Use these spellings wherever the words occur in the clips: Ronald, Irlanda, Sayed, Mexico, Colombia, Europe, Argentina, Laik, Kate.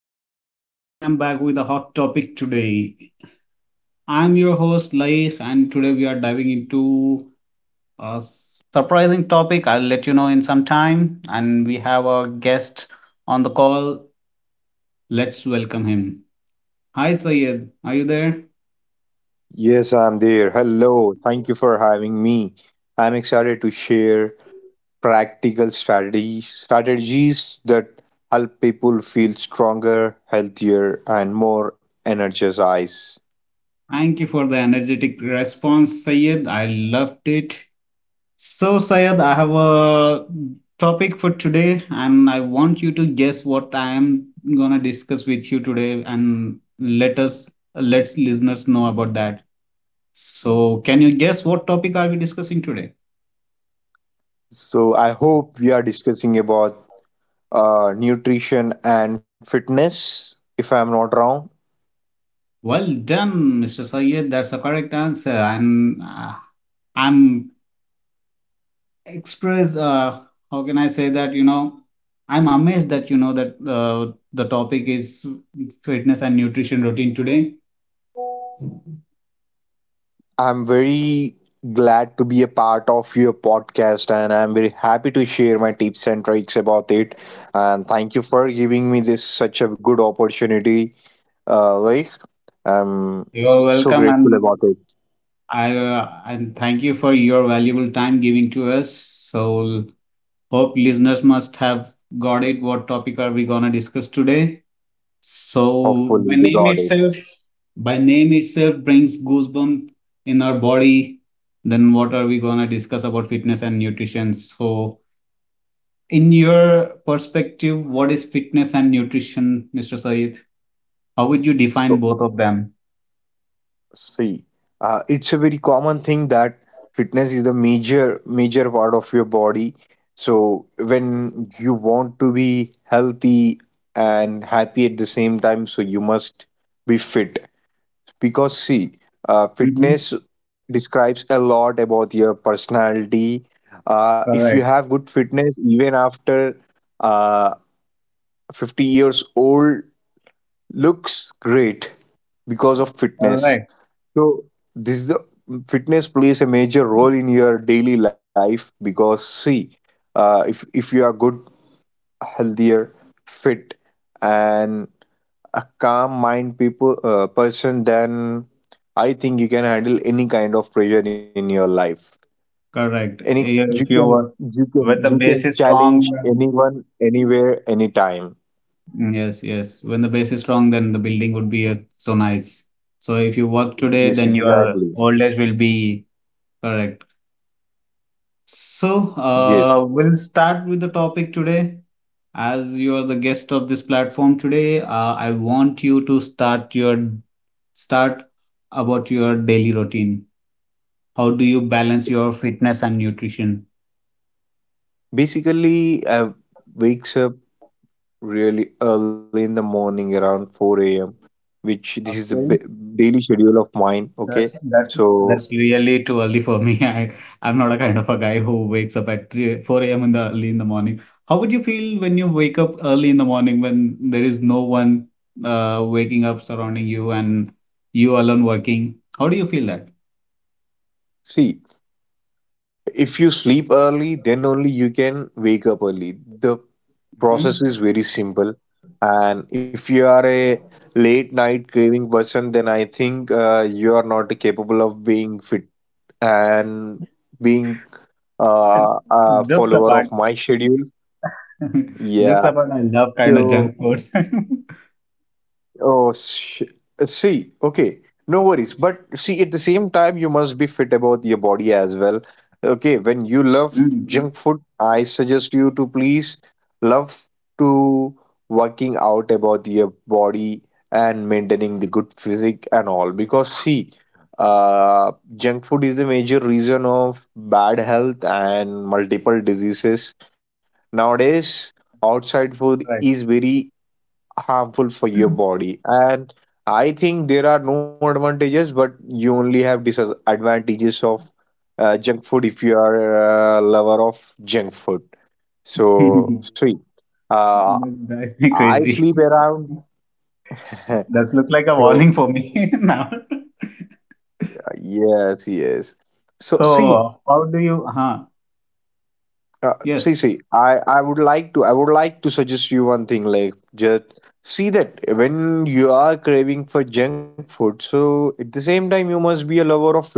listeners. Once again, I'm back with a hot topic today. I'm your host, Laik, and today we are diving into a surprising topic. I'll let you know in some time. And we have our guest on the call. Let's welcome him. Hi, Sayed. Are you there? Yes, I'm there. Hello. Thank you for having me. I'm excited to share practical strategies that help people feel stronger, healthier, and more energized. Thank you for the energetic response, Sayed. I loved it. So, Sayed, I have a topic for today, and I want you to guess what I am gonna discuss with you today, and let's listeners know about that. So, can you guess what topic are we discussing today? So I hope we are discussing about nutrition and fitness, if I'm not wrong. Well done, Mr. Sayed. That's a correct answer, and I'm express. How can I say that? I'm amazed that you know that the topic is fitness and nutrition routine today. I'm very glad to be a part of your podcast and I'm very happy to share my tips and tricks about it. And thank you for giving me this such a good opportunity. Uh, like I'm You're so welcome, grateful about and it. I and thank you for your valuable time giving to us. So hope listeners must have got it. What topic are we gonna discuss today? So Hopefully by they name got it. itself, by name itself brings goosebump in our body. Then what are we gonna discuss about fitness and nutrition? So in your perspective, what is fitness and nutrition, Mr. Saeed? How would you define So both of them? see, it's a very common thing that fitness is the major part of your body. So when you want to be healthy and happy at the same time, so you must be fit. Because see, Mm-hmm. fitness describes a lot about your personality. If you have Correct. good fitness, even after uh, 50 years old, looks great because of All fitness. right. So this is the fitness plays a major role in your daily life because see, if you are good, healthier, fit, and a calm mind people person, then I think you can handle any kind of pressure in your life. Correct. Any Yeah, You if you can were you can with the you base can is challenge strong, anyone, anywhere, anytime. yes, yes. When the base is strong, then the building would be so nice. So if you work today, Yes, then your exactly. old age will be correct. So Yes. We'll start with the topic today. As you are the guest of this platform today, I want you to start about your daily routine. How do you balance your fitness and nutrition? Basically, wakes up really early in the morning around 4 a.m., which this is a Okay. Daily schedule of mine. That's Okay, that's that's so really too early for me. I'm not a kind of a guy who wakes up at 3 4 a.m. in the early in the morning. How would you feel when you wake up early in the morning when there is no one waking up surrounding you and you alone working? How do you feel that? see, if you sleep early, then only you can wake up early. The hmm process is very simple, and if you are a late night craving person, then I think you are not capable of being fit and being a Jokes follower of apart, my schedule. jokes Yeah, apart, I love kind of so junk food. Oh, sh- see, okay, no worries. But see, at the same time, you must be fit about your body as well. Okay, when you love Mm, junk food, I suggest you to please love to working out about your body and maintaining the good physique and all. Because see, junk food is the major reason of bad health and multiple diseases nowadays. Outside food right. is very harmful for your body, and I think there are no advantages, but you only have disadvantages of junk food if you are a lover of junk food. So sweet. uh, That drives me I crazy. sleep around, That's look like a so warning for me now. Yes, yes. So see, So, how do you? Huh? See Yes. see I would like to I would like to suggest you one thing, like just see that when you are craving for junk food, so at the same time you must be a lover of fit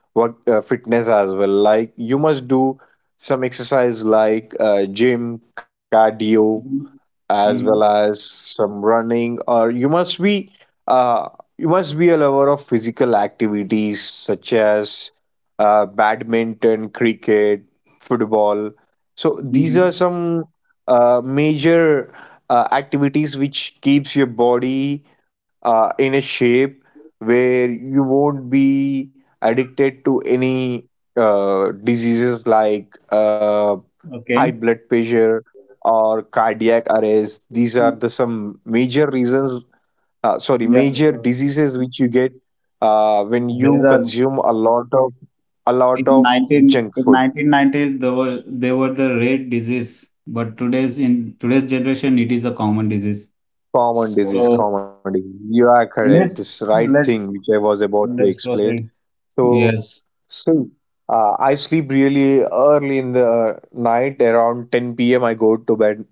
work uh, fitness as well, like you must do some exercise like gym, cardio, Mhm. as Mhm. well as some running. Or uh, you must be a lover of physical activities such as badminton, cricket, football. So these are Mhm. some major activities which keeps your body in a shape where you won't be addicted to any diseases like high Okay. blood pressure or cardiac arrest. These are the some major reasons, sorry, Yes. major diseases which you get when These you are consume a lot of a lot in of nineteen junk in food. 1990s they were the rare disease, but today's in today's generation it is a common disease. Common So disease, common disease, you are correct. let's This right thing let's which I was about to let's explain. proceed. So Yes. see, I sleep really early in the night around 10 p.m. I go to bed.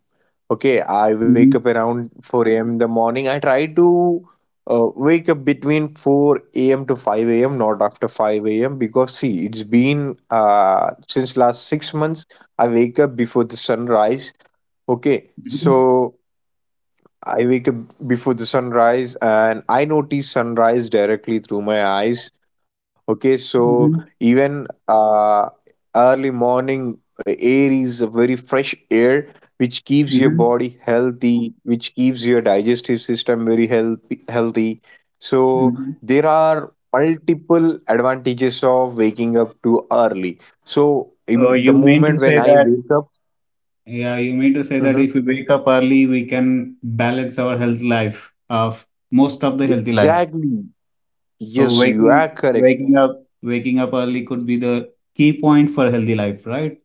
Okay, I wake up Mm-hmm. around 4 a.m. in the morning. I try to wake up between 4 a.m. to 5 a.m., not after 5 a.m. Because, see, it's been since last 6 months, I wake up before the sunrise. Okay, Mm-hmm. so I wake up before the sunrise and I notice sunrise directly through my eyes. Okay, so Mm-hmm. even early morning air is a very fresh air, which keeps your Mm-hmm. body healthy, which keeps your digestive system very healthy. So Mm-hmm. there are multiple advantages of waking up too early. So So in the you mean to moment when say I that? wake up, Yeah, you mean to say that mhm, if we wake up early, we can balance our health life of most of the healthy life. exactly, So yes, you waking are correct. waking up waking up early could be the key point for healthy life, right?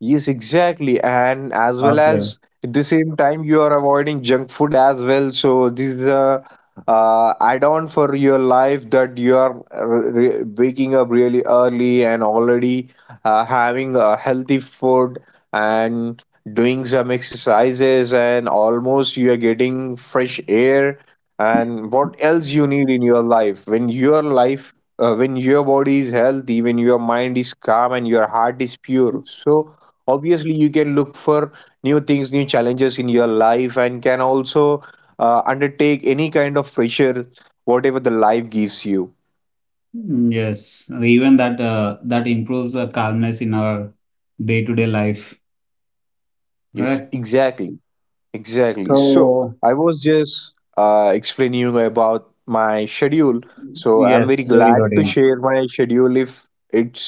Yes, exactly. And as well Okay. as at the same time, you are avoiding junk food as well. So this is a add-on for your life that you are waking up really early and already having a healthy food and doing some exercises and almost you are getting fresh air. And what else you need in your life when your body is healthy, when your mind is calm and your heart is pure? So obviously you can look for new things, new challenges in your life, and can also undertake any kind of pressure whatever the life gives you. Mm, yes, even that improves the calmness in our day-to-day life, Yes, correct? exactly, exactly. So So I was just explaining you about my schedule. So I'm yes, very daily glad to routine. share my schedule. If it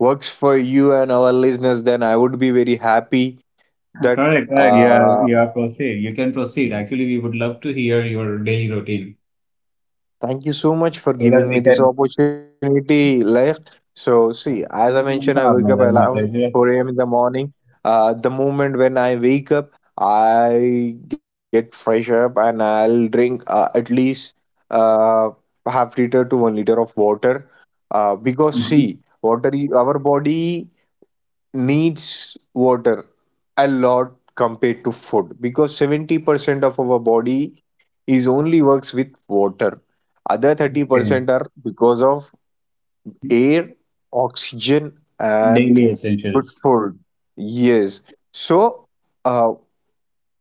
works for you and our listeners, then I would be very happy that Correct, correct. Yeah, yeah. Proceed. You can proceed. Actually, we would love to hear your daily routine thank you so much for so that giving me we this can opportunity, Layak. So, see, uh, as I mentioned, I mention wake up our mother, my around pleasure. 4 a.m. in the morning. The moment when I wake up, I get fresh up and I'll drink at least uh, half liter to 1 liter of water. Because, Mhm. see, water is our body needs water a lot compared to food because 70% of our body is only works with water. Other Okay. 30% are because of air, oxygen, and Daily good essentials. food. Yes, so uh,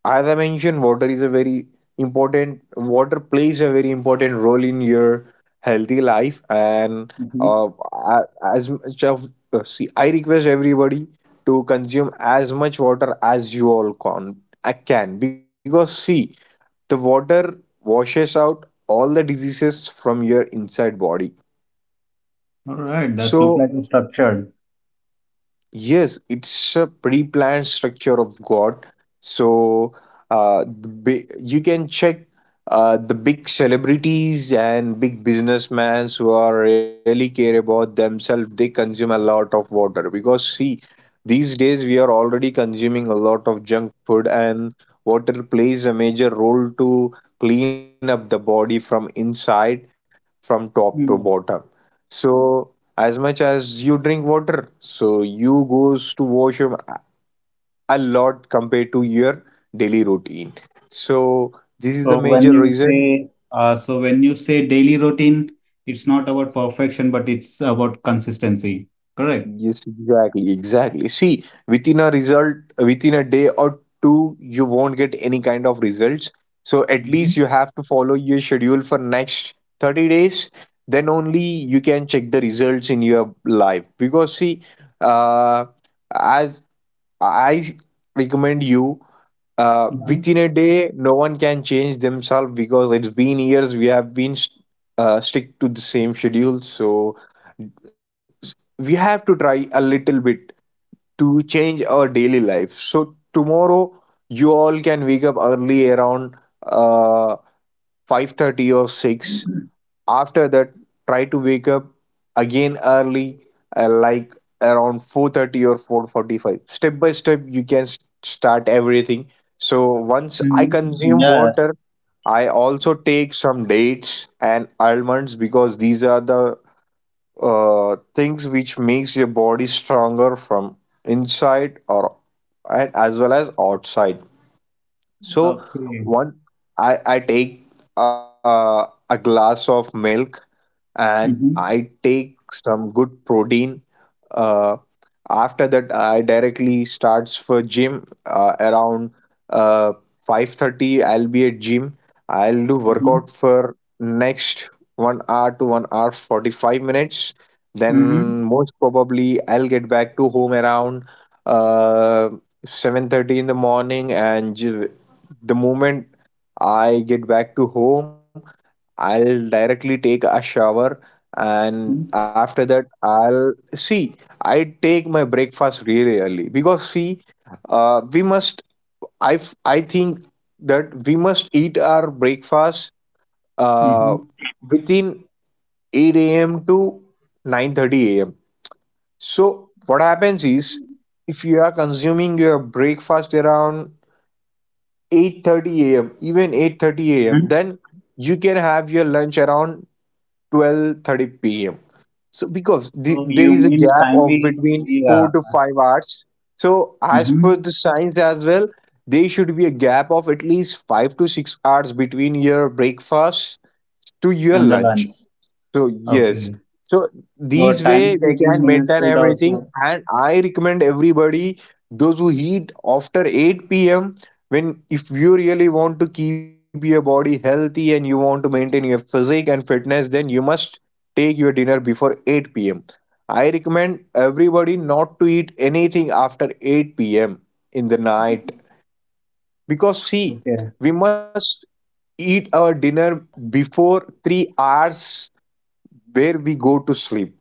as I mentioned, water is a very important. Water plays a very important role in your healthy life, and Mm-hmm. uh, a- as much of see, I request everybody to consume as much water as you all can. I can because see, the water washes out all the diseases from your inside body. All right, that's look like So it's structured. yes, it's a pre-planned structure of God. So you can check the big celebrities and big businessmen who are really care about themselves. They consume a lot of water because see, these days we are already consuming a lot of junk food, and water plays a major role to clean up the body from inside, from top to Hmm. bottom. So as much as you drink water, so you goes to washroom a lot compared to your daily routine. So this is the So when major you reason. say, uh, so when you say daily routine, it's not about perfection, but it's about consistency. Correct. Yes, exactly, exactly. See, within a result, within a day or two, you won't get any kind of results. So at Mm-hmm. least you have to follow your schedule for next 30 days. Then only you can check the results in your life. Because see, uh, as I recommend you Yeah. within a day, no one can change themselves because it's been years we have been stick to the same schedule. So we have to try a little bit to change our daily life. So tomorrow you all can wake up early around uh, 5:30 or 6. After that, try to wake up again early like around 4:30 or 4:45. Step by step you can start everything. So once I Mm-hmm. consume Yeah. water, I also take some dates and almonds because these are the things which makes your body stronger from inside or and as well as outside. So Okay. one, I take a glass of milk, and Mm-hmm. I take some good protein. Uh, after that, I directly starts for gym around uh, 5:30. I'll be at gym. I'll do Mm-hmm. workout for next 1 hour to 1 hour 45 minutes. Mm-hmm. Then most probably I'll get back to home around uh, 7:30 in the morning, and the moment I get back to home, I'll directly take a shower, and Mm-hmm. after that I'll see I take my breakfast really early because see, we must I f- I think that we must eat our breakfast uh, Mm-hmm. within 8 a.m. to 9:30 a.m. So what happens is, if you are consuming your breakfast around 8:30 a.m., even 8:30 a.m., Mm-hmm. then you can have your lunch around 12:30 p.m. So because the, So there you is a mean gap of timely, between yeah. 4 to 5 hours. So as per Mm-hmm. the science as well, there should be a gap of at least 5 to 6 hours between your breakfast to your And the lunch. lunch. So yes. Okay. So So these way timely we taking can meals maintain could everything, also. and I recommend everybody those who eat after 8 p.m., when if you really want to keep your body healthy and you want to maintain your physique and fitness, then you must take your dinner before 8 p.m. I recommend everybody not to eat anything after 8 p.m. in the night because see, Okay. we must eat our dinner before 3 hours where we go to sleep.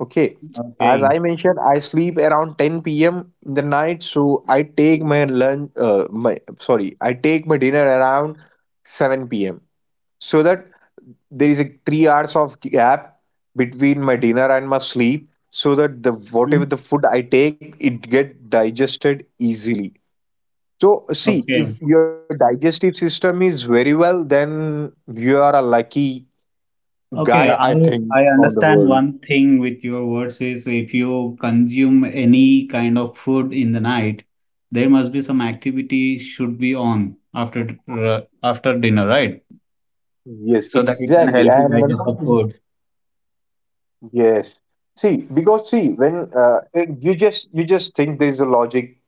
Okay. As I Okay. mentioned, I sleep around 10 p.m. in the night, so I take my lunch, my sorry, I take my dinner around 7 p.m. so that there is a 3 hours of gap between my dinner and my sleep, so that the whatever Mm-hmm. the food I take, it get digested easily. So see, Okay. if your digestive system is very well, then you are a lucky Okay, guy, I I think, I on the understand world. one thing with your words is if you consume any kind of food in the night, there must be some activity should be on after dinner, right? So Yes, that it can exactly. help I you am one digest the of the food. Yes. See, because see, when it- you just think there's a logic.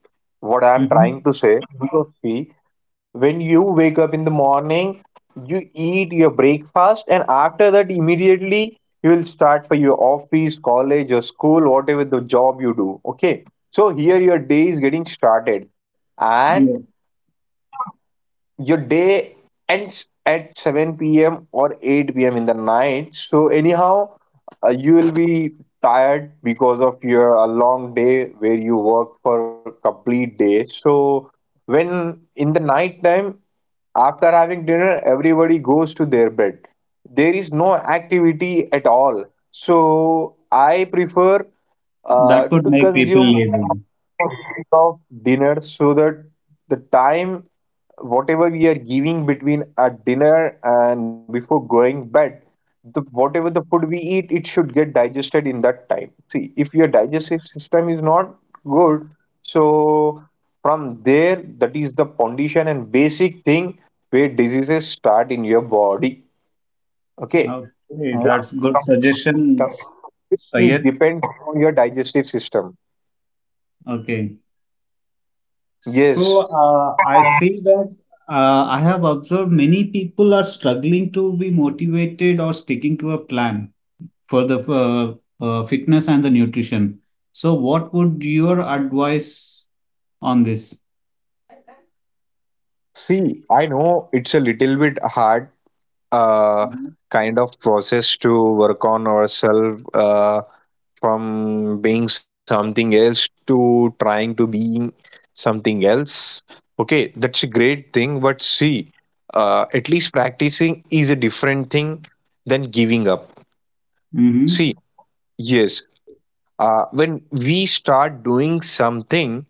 What I'm Hmm. trying to say, because see, when you wake up in the morning, you eat your breakfast, and after that, immediately you will start for your office, college, or school, whatever the job you do. Okay. So here your day is getting started, and Yeah. your day ends at 7 p.m. or 8 p.m. in the night. So, anyhow, you will be tired because of your a long day where you work for complete day. So, when in the night time, after having dinner, everybody goes to their bed. There is no activity at all. So, I prefer That could to make people consume lazy. of dinner so that the time whatever we are giving between a dinner and before going bed, the whatever the food we eat, it should get digested in that time. See, if your digestive system is not good, so from there, that is the condition and basic thing where diseases start in your body. Okay, Okay, most that's good suggestion, of it is Sayed. depends on your digestive system. Okay. So Yes, I see that I have observed many people are struggling to be motivated or sticking to a plan for the fitness and the nutrition. So what would your advice on this? see, I know it's a little bit hard uh, Mm-hmm. kind of process to work on ourselves from being something else to trying to being something else. Okay, that's a great thing, but see, at least practicing is a different thing than giving up. See, yes, when we start doing something,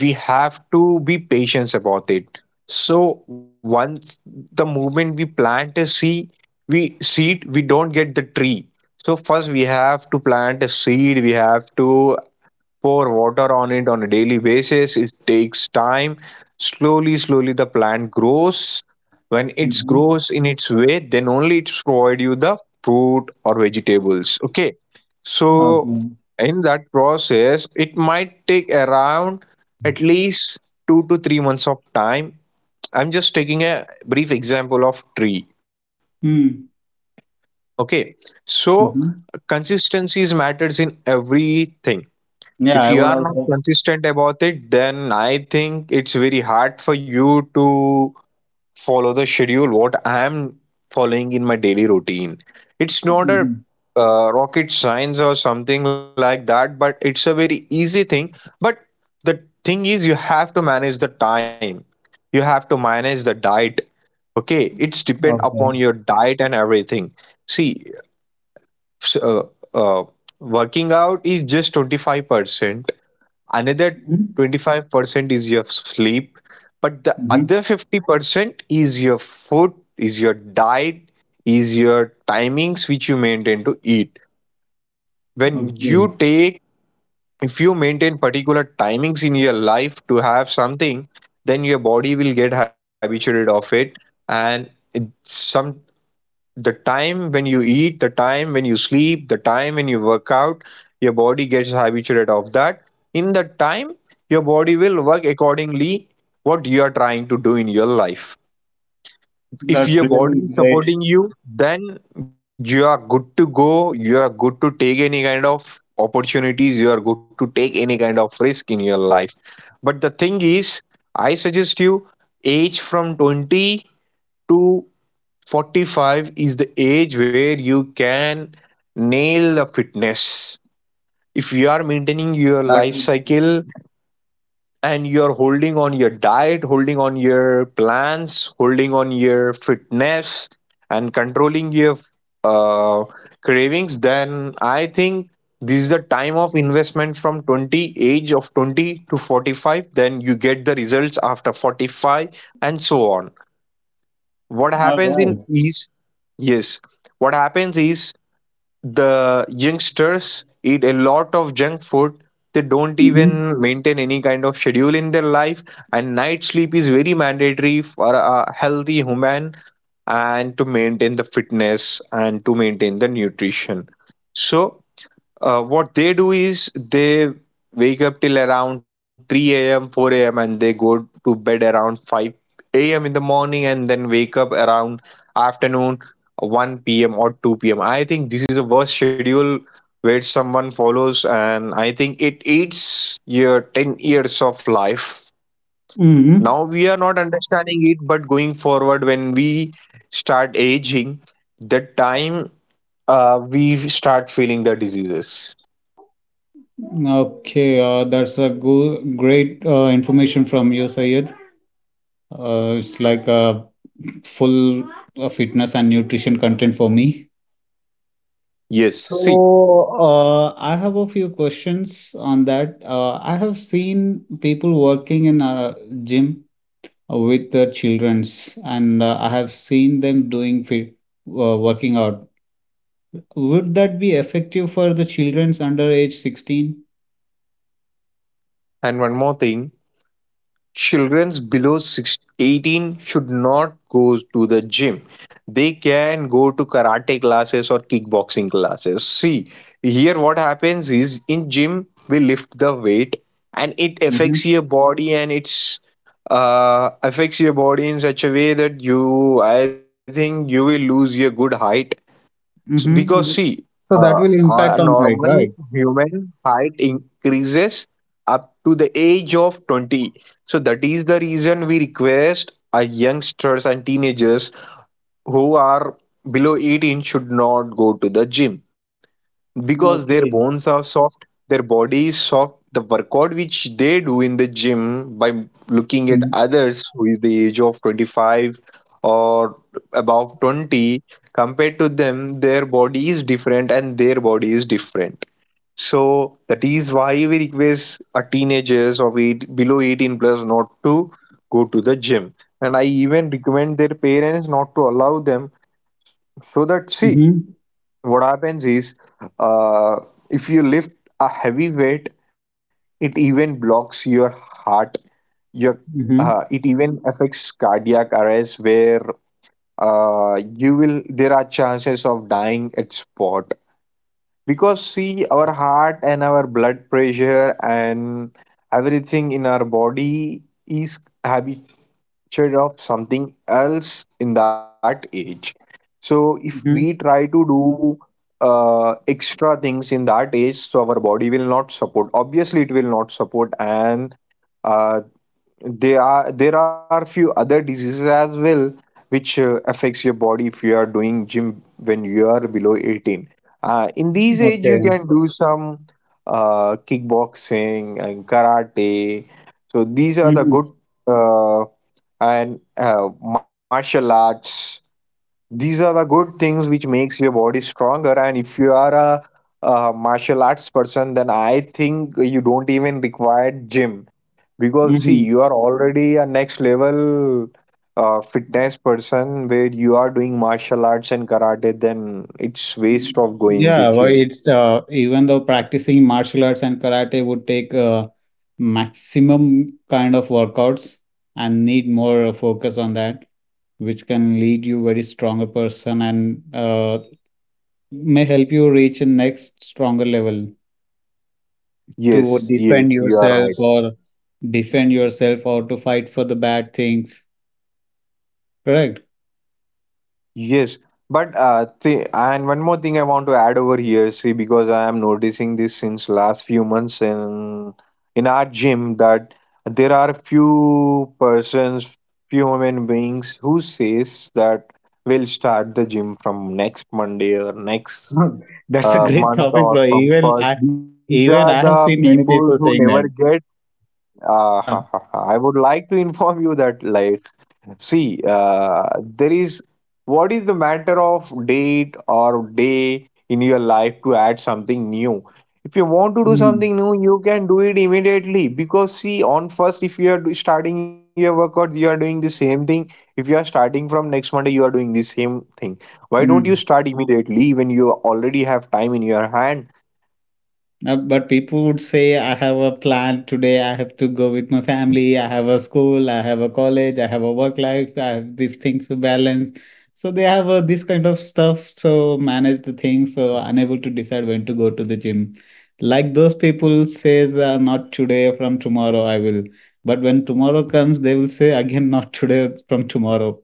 we have to be patient about it. So once the moment we plant a seed, we seed we don't get the tree. So first we have to plant a seed, we have to pour water on it on a daily basis. It takes time. Slowly, slowly, the plant grows. When it Mm-hmm. grows in its way, then only it provide you the fruit or vegetables. Okay, so Okay. in that process, it might take around at least 2 to 3 months of time. I'm just taking a brief example of tree. Hmm. Okay, so Mm-hmm. consistencies matters in everything. Yeah, If I you would are not also. consistent about it, then I think it's very hard for you to follow the schedule what I am following in my daily routine. It's not a Hmm. Rocket science or something like that, but it's a very easy thing. But the thing is, you have to manage the time, you have to manage the diet. Okay, it's depend Okay. upon your diet and everything. See, s- uh, uh, working out is just 25%, another Mm-hmm. 25% is your sleep, but the other 50% is your food, is your diet, is your timings which you maintain to eat, when you Okay. take. If you maintain particular timings in your life to have something, then your body will get habituated of it. And it- some the time when you eat, the time when you sleep, the time when you work out, your body gets habituated of that. In that time, your body will work accordingly what you are trying to do in your life. If That's your body really is great. supporting you, then you are good to go. You are good to take any kind of opportunities. You are good to take any kind of risk in your life. But the thing is, I suggest you, age from 20 to 45 is the age where you can nail the fitness. If you are maintaining your That life would be cycle and you are holding on your diet, holding on your plans, holding on your fitness, and controlling your uh, cravings, then I think this is the time of investment from 20, age of 20 to 45. Then you get the results after 45 and so on. What all happens in right. each? Yes. What happens is the youngsters eat a lot of junk food. They don't Mm-hmm. even maintain any kind of schedule in their life, and night sleep is very mandatory for a healthy human and to maintain the fitness and to maintain the nutrition. So, what they do is they wake up till around 3 a.m., 4 a.m., and they go to bed around 5 a.m. in the morning and then wake up around afternoon 1 p.m. or 2 p.m. I think this is the worst schedule where someone follows, and I think it eats your 10 years of life. Mm-hmm. Now we are not understanding it, but going forward, when we start aging, the time we start feeling the diseases. Okay, that's a great information from you, Sayed. It's like full fitness and nutrition content for me. Yes, see, So, I have a few questions on that. I have seen people working in a gym with their childrens, and I have seen them doing fit, working out. Would that be effective for the childrens under age 16? and one more thing, children's below 6 18 should not go to the gym. They can go to karate classes or kickboxing classes. See, here what happens is in gym we lift the weight and it affects your body, and it's affects your body in such a way that you, I think, you will lose your good height. Mm-hmm. Because Mm-hmm. see, So that will a impact on height, normal right? human height increases up to the age of 20. So that is the reason we request youngsters and teenagers who are below 18 should not go to the gym because their Okay. bones are soft, their body is soft. The workout which they do in the gym, by looking at Mm-hmm. others who is the age of 25 or above 20, compared to them, their body is different and their body is different. So that is why we request our teenagers of eight, below 18 plus, not to go to the gym. And I even recommend their parents not to allow them. So that see, what happens is uh, if you lift a heavy weight, it even blocks your heart, your Mm-hmm. it even affects cardiac arrest where you will, there are chances of dying at spot. Because see, our heart and our blood pressure and everything in our body is habit trade of something else in that age. So if we Mm-hmm. try to do extra things in that age, so our body will not support. Obviously, it will not support, and uh, there are few other diseases as well which affects your body if you are doing gym when you are below 18. In these age you Okay. can do some kickboxing and karate. So these are the Mm-hmm. good uh, and martial arts, these are the good things which makes your body stronger. And if you are a, martial arts person, then I think you don't even require gym because see, Mm-hmm. you are already a next level fitness person where you are doing martial arts and karate, then it's waste of going to Yeah, well, gym. it's even though practicing martial arts and karate would take maximum kind of workouts and need more focus on that, which can lead you very stronger person and may help you reach a next stronger level. To Yes, defend yes, you are right. yourself or defend yourself or to fight for the bad things. Correct. Yes, but and one more thing I want to add over here, see, because I am noticing this since last few months in our gym, that there are few persons, few human beings who says that we'll start the gym from next Monday or next That's a great month topic, or bro. from Even first. I, These are even the I have seen people many who people never saying get. that. Uh, Uh, I would like to inform you that like, see, there is, what is the matter of date or day in your life to add something new? If you want to do mm, something new, you can do it immediately because see, on first, if you are starting your workout, you are doing the same thing. If you are starting from next Monday, you are doing the same thing. Why don't you mm. start immediately when you already have time in your hand? But people would say, I have a plan today, I have to go with my family, I have a school, I have a college, I have a work life, I have these things to balance. So they have this kind of stuff, so manage the things, so unable to decide when to go to the gym. Like those people says, not today, from tomorrow I will. But when tomorrow comes, they will say again, not today, from tomorrow.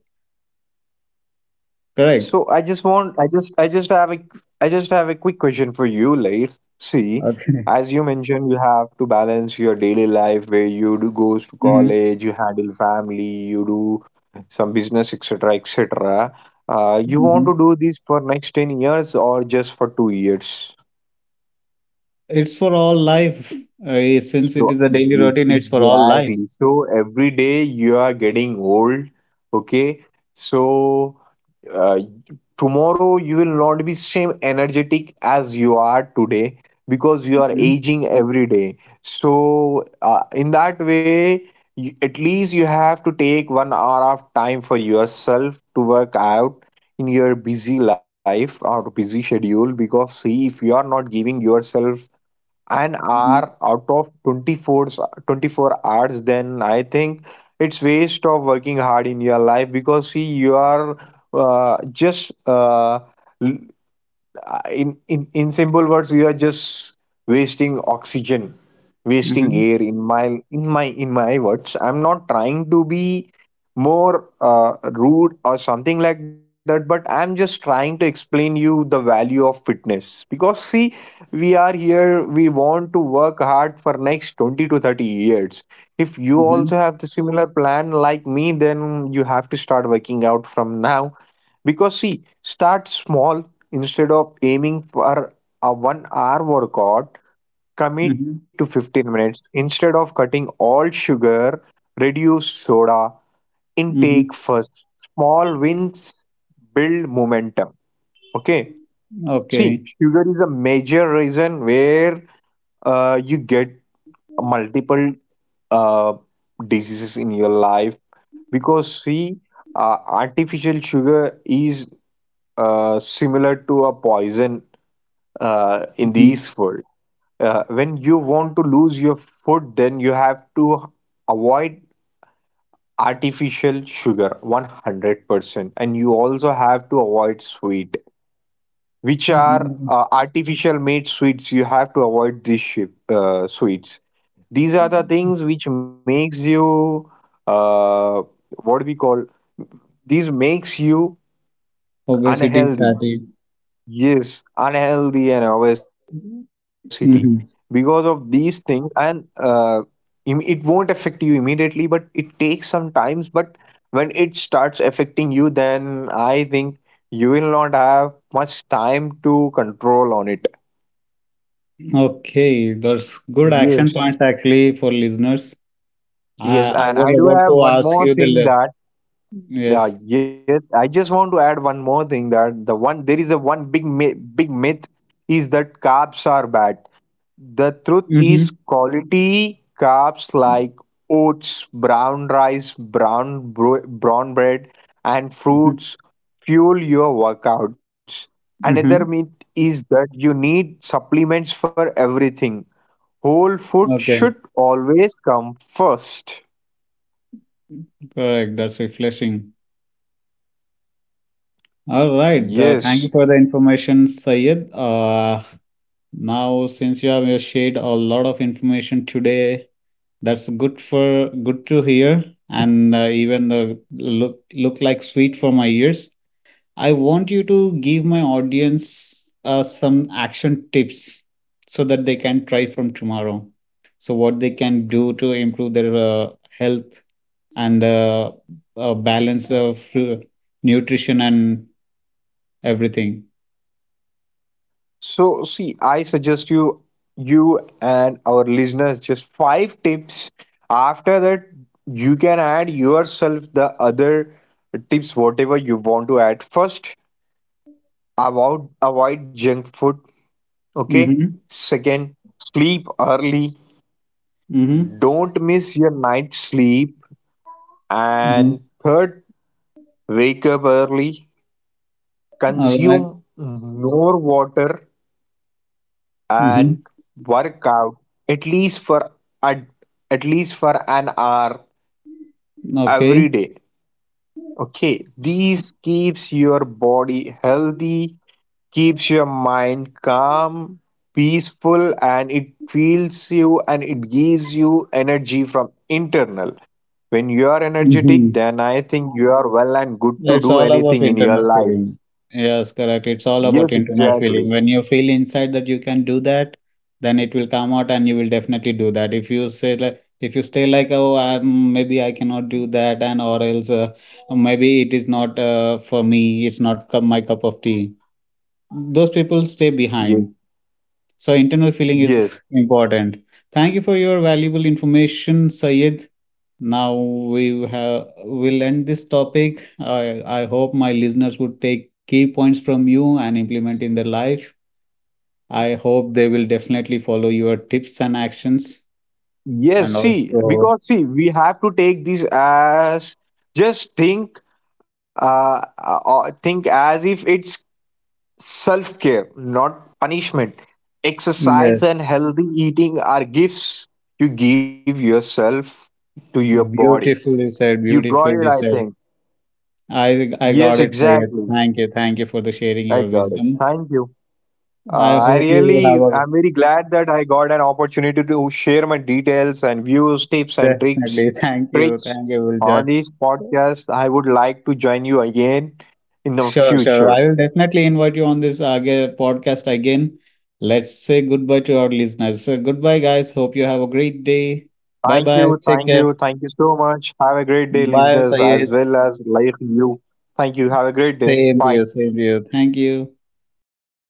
Correct? So I just want, I just have a, I just have a quick question for you, like, see, Okay. as you mentioned, you have to balance your daily life where you do goes to hmm college, you handle family, you do some business, etc., etc. You want to hmm do this for next 10 years or just for 2 years? It's for all life. Since it is So a daily yes, routine, it's for all life. exactly. So every day you are getting old, okay? So uh, tomorrow you will not be same energetic as you are today because you are Mhm. aging every day. So in that way, you, at least you have to take 1 hour of time for yourself to work out in your busy life or busy schedule. Because see, if you are not giving yourself an Mhm. hour out of 24 hours, then I think it's waste of working hard in your life. Because see, you are just in simple words, you are just wasting oxygen, wasting Mhm. air. In my words, I'm not trying to be more rude or something like that, but I'm just trying to explain you the value of fitness. Because see, we are here, we want to work hard for next 20 to 30 years. If you Mhm. also have the similar plan like me, then you have to start working out from now. Because see, start small. Instead of aiming for a 1 hour workout, commit to Mhm. 15 minutes. Instead of cutting all sugar, reduce soda intake Mhm. first. Small wins build momentum. Okay. See, Okay. sugar is a major reason where you get multiple uh, diseases in your life. Because, see, artificial sugar is similar to a poison in Mhm. this world. When you want to lose your food, then you have to avoid artificial sugar 100%, and you also have to avoid sweet which are Mhm. Artificial made sweets. You have to avoid these sweets. These are the things which makes you uh, what we call, these makes you Obesity, unhealthy. fatigue. Yes, unhealthy and obesity. Because of Hmm. these things, and it won't affect you immediately, but it takes some times. But when it starts affecting you, then I think you will not have much time to control on it. Okay, that's good action Yes. points actually for listeners. Yes, I and I was do about have to one ask more you the thing that yes. yes, I just want to add one more thing that the one there is a one big mi big myth is that carbs are bad. The truth is, Mm-hmm. quality carbs like oats, brown rice, brown bread, and Mm-hmm. fruits fuel your workouts. Another Mm-hmm. myth is that you need supplements for everything. Whole food Okay, should always come first. correct. That's refreshing. All right. Thank Yes. you for the information, Sayed. Now since you have shared a lot of information today, that's good for good to hear, and even the look like sweet for my ears. I want you to give my audience some action tips so that they can try from tomorrow. So what they can do to improve their health and balance of nutrition and everything. So, see, I suggest you, you and our listeners, just five tips. After that, you can add yourself the other tips, whatever you want to add. First, avoid junk food. Okay. Mm-hmm. Second, sleep early. Mm-hmm. Don't miss your night sleep. Mm-hmm. And third, wake up early. All right. Consume more water and Mm-hmm. work out at least for at, at least for an hour Okay. every day. Okay, these keeps your body healthy, keeps your mind calm, peaceful, and it feels you and it gives you energy from internal. When you are energetic, Mm-hmm. then I think you are well and good to It's do all about anything in your internal life. feeling. Yes, correct. It's all about Yes, internal feeling. exactly. When you feel inside that you can do that, then it will come out and you will definitely do that. If you say like, if you stay like, oh, I maybe I cannot do that, and or else maybe it is not for me, it's not my cup of tea. Those people stay Yes, behind. So internal feeling yes. is important. Thank you for your valuable information, Sayed. Now we have will end this topic. I hope my listeners would take key points from you and implement in their life. I hope they will definitely follow your tips and actions. Yes, And see, also, because see, we have to take this as, just think as if it's self care, not punishment. Exercise yeah, and healthy eating are gifts you give yourself, to your body. beautifully said, You got it, beautifully I said. think. I Yes, got it, Sayed. exactly. Thank you for the sharing I your got it. wisdom. Thank you. I I hope you will have really, a I'm very glad that I got an opportunity to share my details and views, tips and tricks, definitely. Tricks Thank you, on Ulja. this podcast. I would like to join you again in the Sure, sure. future. I will definitely invite you on this aga podcast again. Let's say goodbye to our listeners. So goodbye, guys. Hope you have a great day. Bye Thank bye. you, Take thank care. you, thank you so much. Have a great day, Bye, listeners, as Sayed. well as like you. Thank you. Have a great day. Same to Bye. you. Same to you. Thank you.